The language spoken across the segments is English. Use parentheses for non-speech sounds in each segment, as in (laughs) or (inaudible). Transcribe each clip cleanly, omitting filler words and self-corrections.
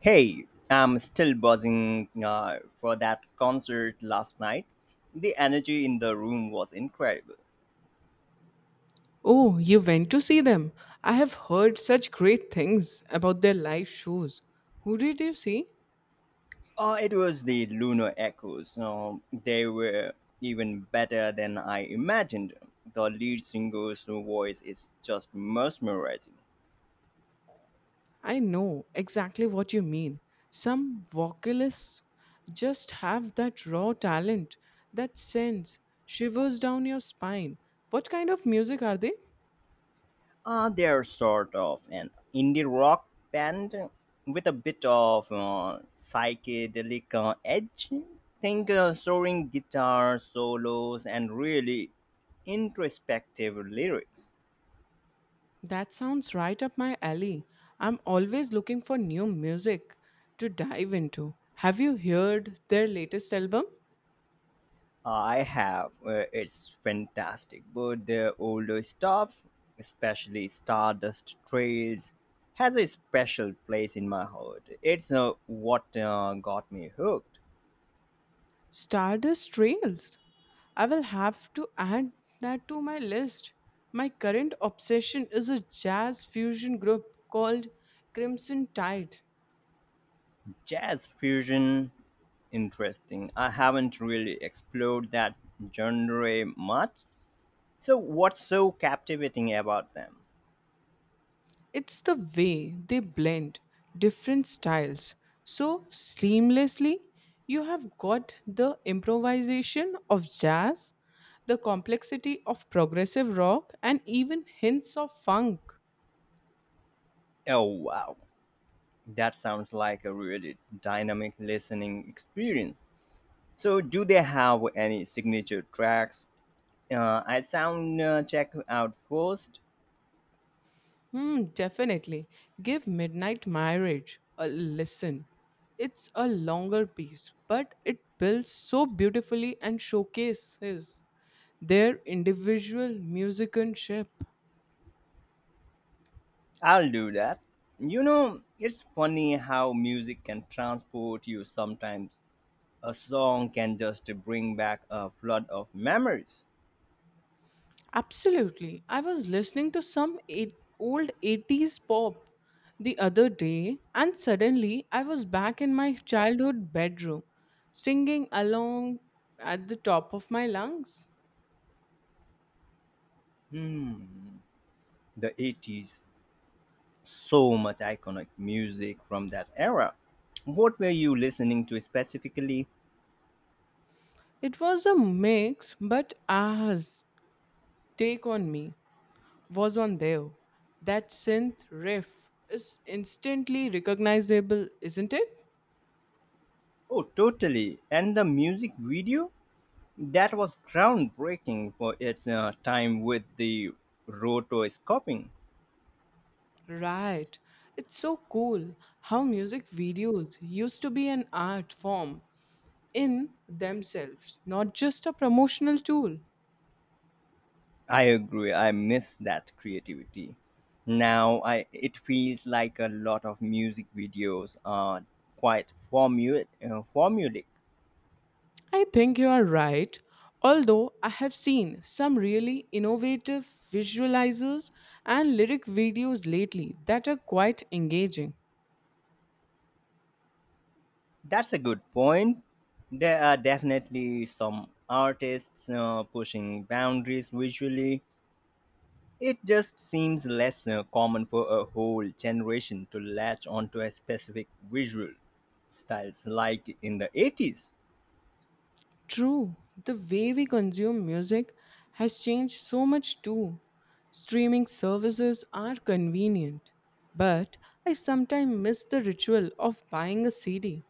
Hey, I'm still buzzing for that concert last night. The energy in the room was incredible. Oh, you went to see them. I have heard such great things about their live shows. Who did you see? It was the Lunar Echoes. So they were even better than I imagined. The lead singer's voice is just mesmerizing. I know exactly what you mean. Some vocalists just have that raw talent that sends shivers down your spine. What kind of music are they? They're sort of an indie rock band with a bit of psychedelic edge. Think soaring guitar solos and really introspective lyrics. That sounds right up my alley. I'm always looking for new music to dive into. Have you heard their latest album? I have. It's fantastic. But the older stuff, especially Stardust Trails, has a special place in my heart. It's what got me hooked. Stardust Trails. I will have to add that to my list. My current obsession is a jazz fusion group called Crimson Tide. Jazz fusion, interesting. I haven't really explored that genre much. So, what's so captivating about them? It's the way they blend different styles so seamlessly. You have got the improvisation of jazz, the complexity of progressive rock, and even hints of funk. Oh, wow. That sounds like a really dynamic listening experience. So, do they have any signature tracks? I sound check out first. Definitely. Give Midnight Marriage a listen. It's a longer piece, but it builds so beautifully and showcases their individual musicianship. I'll do that. You know, it's funny how music can transport you sometimes. A song can just bring back a flood of memories. Absolutely. I was listening to some old 80s pop the other day, and suddenly I was back in my childhood bedroom singing along at the top of my lungs. Hmm, the 80s, so much iconic music from that era. What were you listening to specifically? It was a mix, but ours Take On Me was on there. That synth riff is instantly recognizable, isn't it? Oh, totally. And the music video? That was groundbreaking for its time with the rotoscoping. Right. It's so cool how music videos used to be an art form in themselves, not just a promotional tool. I agree. I miss that creativity. Now I it feels like a lot of music videos are quite formulaic. I think you are right, although I have seen some really innovative visualizers and lyric videos lately that are quite engaging. That's a good point. There are definitely some artists pushing boundaries visually. It just seems less common for a whole generation to latch onto a specific visual styles like in the 80s. True, the way we consume music has changed so much too. Streaming services are convenient, but I sometimes miss the ritual of buying a CD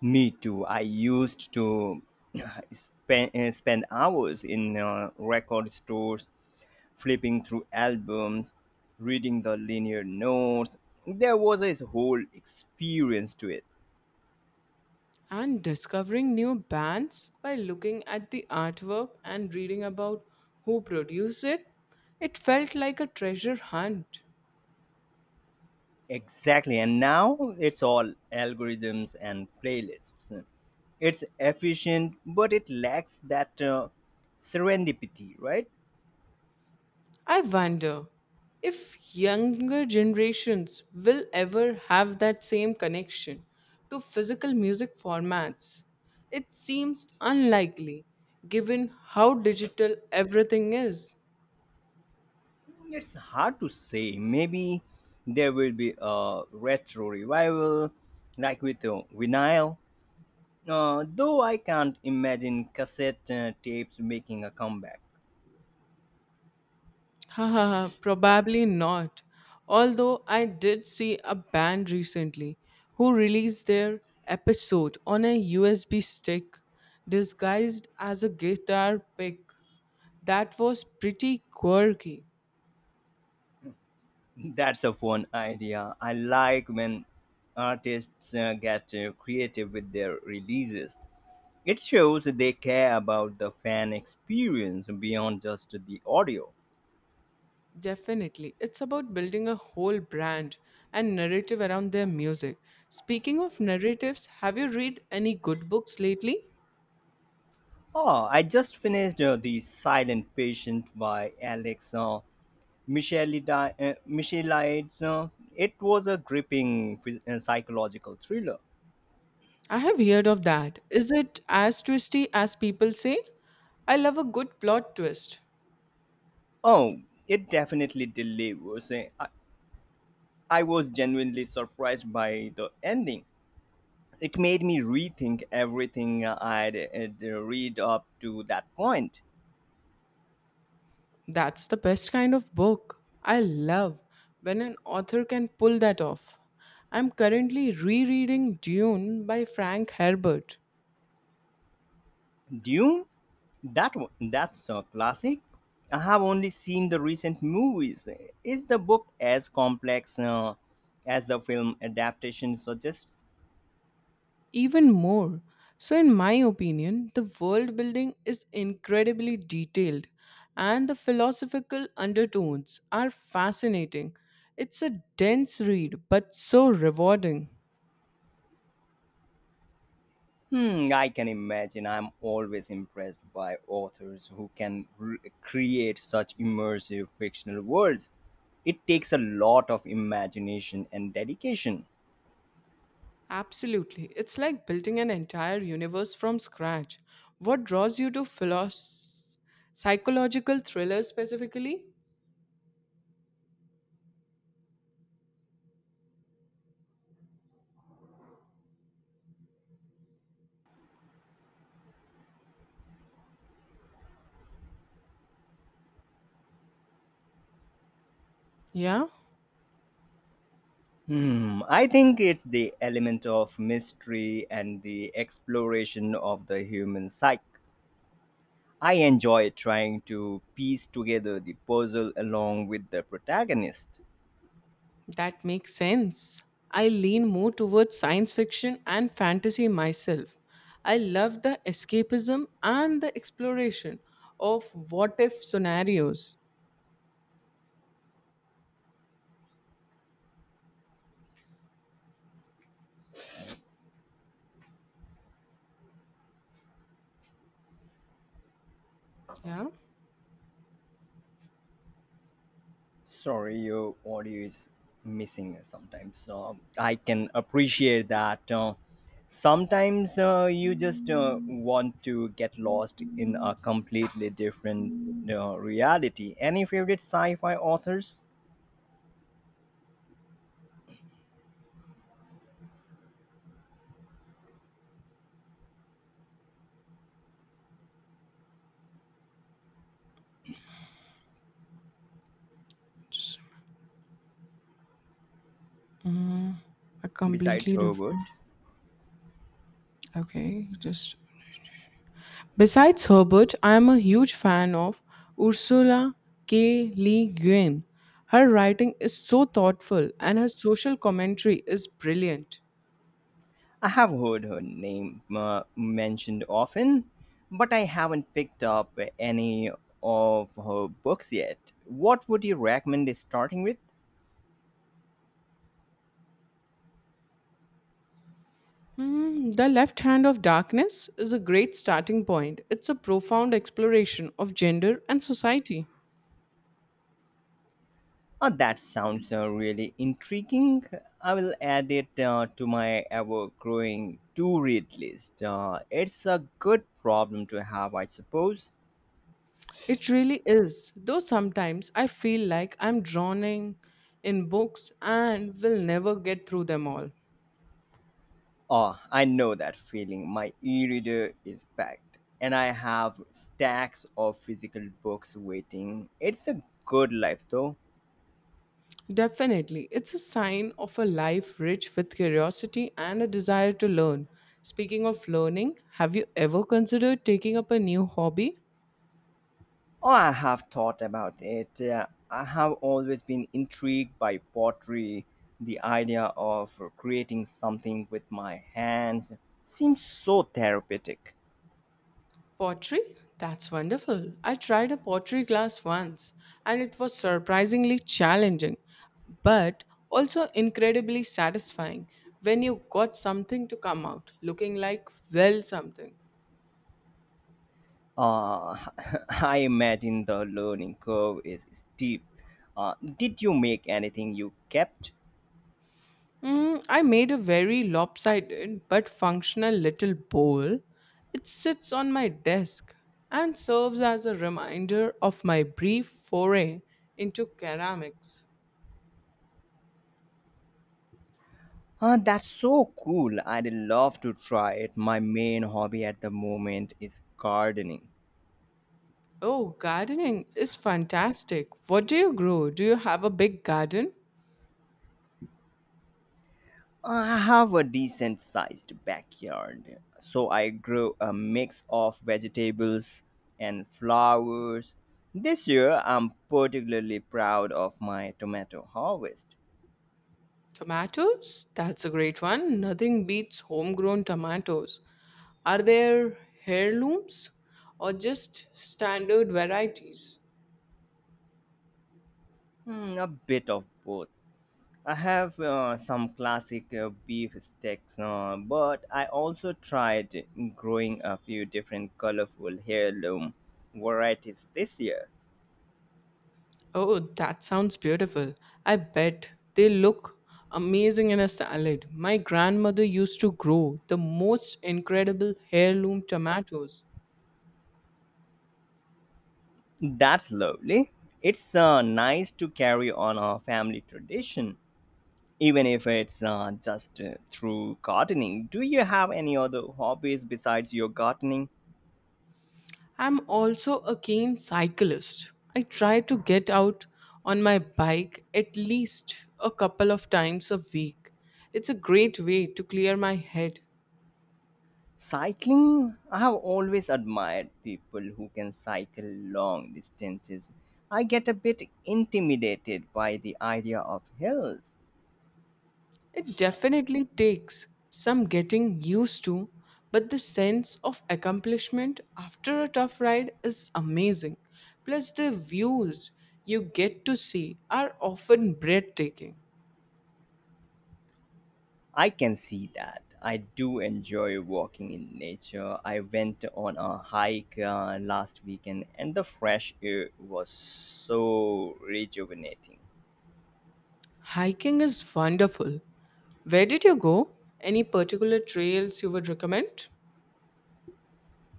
Me too. I used to (clears throat) spend hours in record stores, flipping through albums, reading the linear notes. There was a whole experience to it. and discovering new bands by looking at the artwork and reading about who produced it. It felt like a treasure hunt. Exactly. And now it's all algorithms and playlists. It's efficient, but it lacks that serendipity, right? I wonder if younger generations will ever have that same connection to physical music formats. It seems unlikely given how digital everything is. It's hard to say. Maybe there will be a retro revival, like with vinyl. Though I can't imagine cassette tapes making a comeback. Haha, probably not. Although I did see a band recently who released their episode on a USB stick disguised as a guitar pick. That was pretty quirky. (laughs) That's a fun idea. I like when artists get creative with their releases. It shows they care about the fan experience beyond just the audio. Definitely. It's about building a whole brand and narrative around their music. Speaking of narratives, have you read any good books lately? Oh, I just finished The Silent Patient by Alex Michelides. It was a gripping psychological thriller. I have heard of that. Is it as twisty as people say? I love a good plot twist. Oh, it definitely delivers. Eh. I was genuinely surprised by the ending. It made me rethink everything I'd read up to that point. That's the best kind of book. I love when an author can pull that off. I'm currently rereading Dune by Frank Herbert. Dune? That's a classic. I have only seen the recent movies. Is the book as complex as the film adaptation suggests? Even more. So, in my opinion, the world building is incredibly detailed and the philosophical undertones are fascinating. It's a dense read, but so rewarding. Hmm, I can imagine. I'm always impressed by authors who can create such immersive fictional worlds. It takes a lot of imagination and dedication. Absolutely. It's like building an entire universe from scratch. What draws you to psychological thrillers specifically? Yeah? Hmm, I think it's the element of mystery and the exploration of the human psyche. I enjoy trying to piece together the puzzle along with the protagonist. That makes sense. I lean more towards science fiction and fantasy myself. I love the escapism and the exploration of what if scenarios. Yeah, Sorry, your audio is missing sometimes. So I can appreciate that. Sometimes you just want to get lost in a completely different reality. Any favorite sci fi authors just a besides completely Herbert? different. Okay, just. Besides Herbert, I am a huge fan of Ursula K. Le Guin. Her writing is so thoughtful and her social commentary is brilliant. I have heard her name mentioned often, but I haven't picked up any of her books yet. What would you recommend starting with? The Left Hand of Darkness is a great starting point. It's a profound exploration of gender and society. Oh, that sounds really intriguing. I will add it to my ever growing to read list. It's a good problem to have, I suppose. It really is, though sometimes I feel like I'm drowning in books and will never get through them all. Oh, I know that feeling. My e reader is packed, and I have stacks of physical books waiting. It's a good life, though. Definitely, it's a sign of a life rich with curiosity and a desire to learn. Speaking of learning, have you ever considered taking up a new hobby? Oh, I have thought about it. I have always been intrigued by pottery. The idea of creating something with my hands seems so therapeutic. Pottery? That's wonderful. I tried a pottery class once and it was surprisingly challenging, but also incredibly satisfying when you got something to come out looking like well something. Uh, (laughs) I imagine the learning curve is steep. Did you make anything you kept? I made a very lopsided but functional little bowl. It sits on my desk and serves as a reminder of my brief foray into ceramics. That's so cool. I'd love to try it. My main hobby at the moment is gardening. Oh, gardening is fantastic. What do you grow? Do you have a big garden? I have a decent sized backyard, so I grow a mix of vegetables and flowers. This year, I'm particularly proud of my tomato harvest. Tomatoes? That's a great one. Nothing beats homegrown tomatoes. Are there heirlooms or just standard varieties? Hmm, a bit of both. I have some classic beef steaks, but I also tried growing a few different colorful heirloom varieties this year. Oh, that sounds beautiful. I bet they look amazing in a salad. My grandmother used to grow the most incredible heirloom tomatoes. That's lovely. It's nice to carry on our family tradition, even if it's just through gardening. Do you have any other hobbies besides your gardening? I'm also a keen cyclist. I try to get out on my bike at least a couple of times a week. It's a great way to clear my head. Cycling, I have always admired people who can cycle long distances. I get a bit intimidated by the idea of hills. It definitely takes some getting used to, but the sense of accomplishment after a tough ride is amazing. Plus, the views you get to see are often breathtaking. I can see that. I do enjoy walking in nature. I went on a hike last weekend and the fresh air was so rejuvenating. Hiking is wonderful. Where did you go? Any particular trails you would recommend?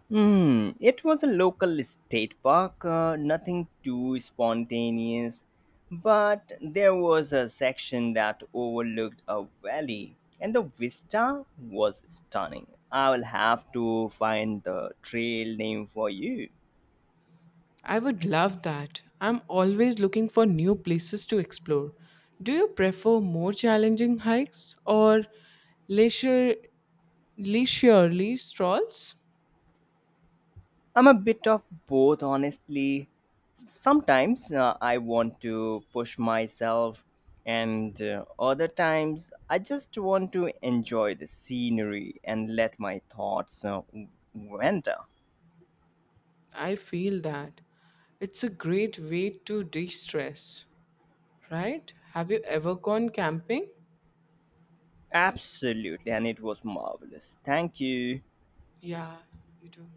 Hmm, it was a local state park, nothing too spontaneous, but there was a section that overlooked a valley, and the vista was stunning. I will have to find the trail name for you. I would love that. I'm always looking for new places to explore. Do you prefer more challenging hikes or leisure, leisurely strolls? I'm a bit of both, honestly. Sometimes I want to push myself, and other times I just want to enjoy the scenery and let my thoughts wander. I feel that. It's a great way to de stress, right? Have you ever gone camping? Absolutely, and it was marvelous. Thank you. Yeah, you do.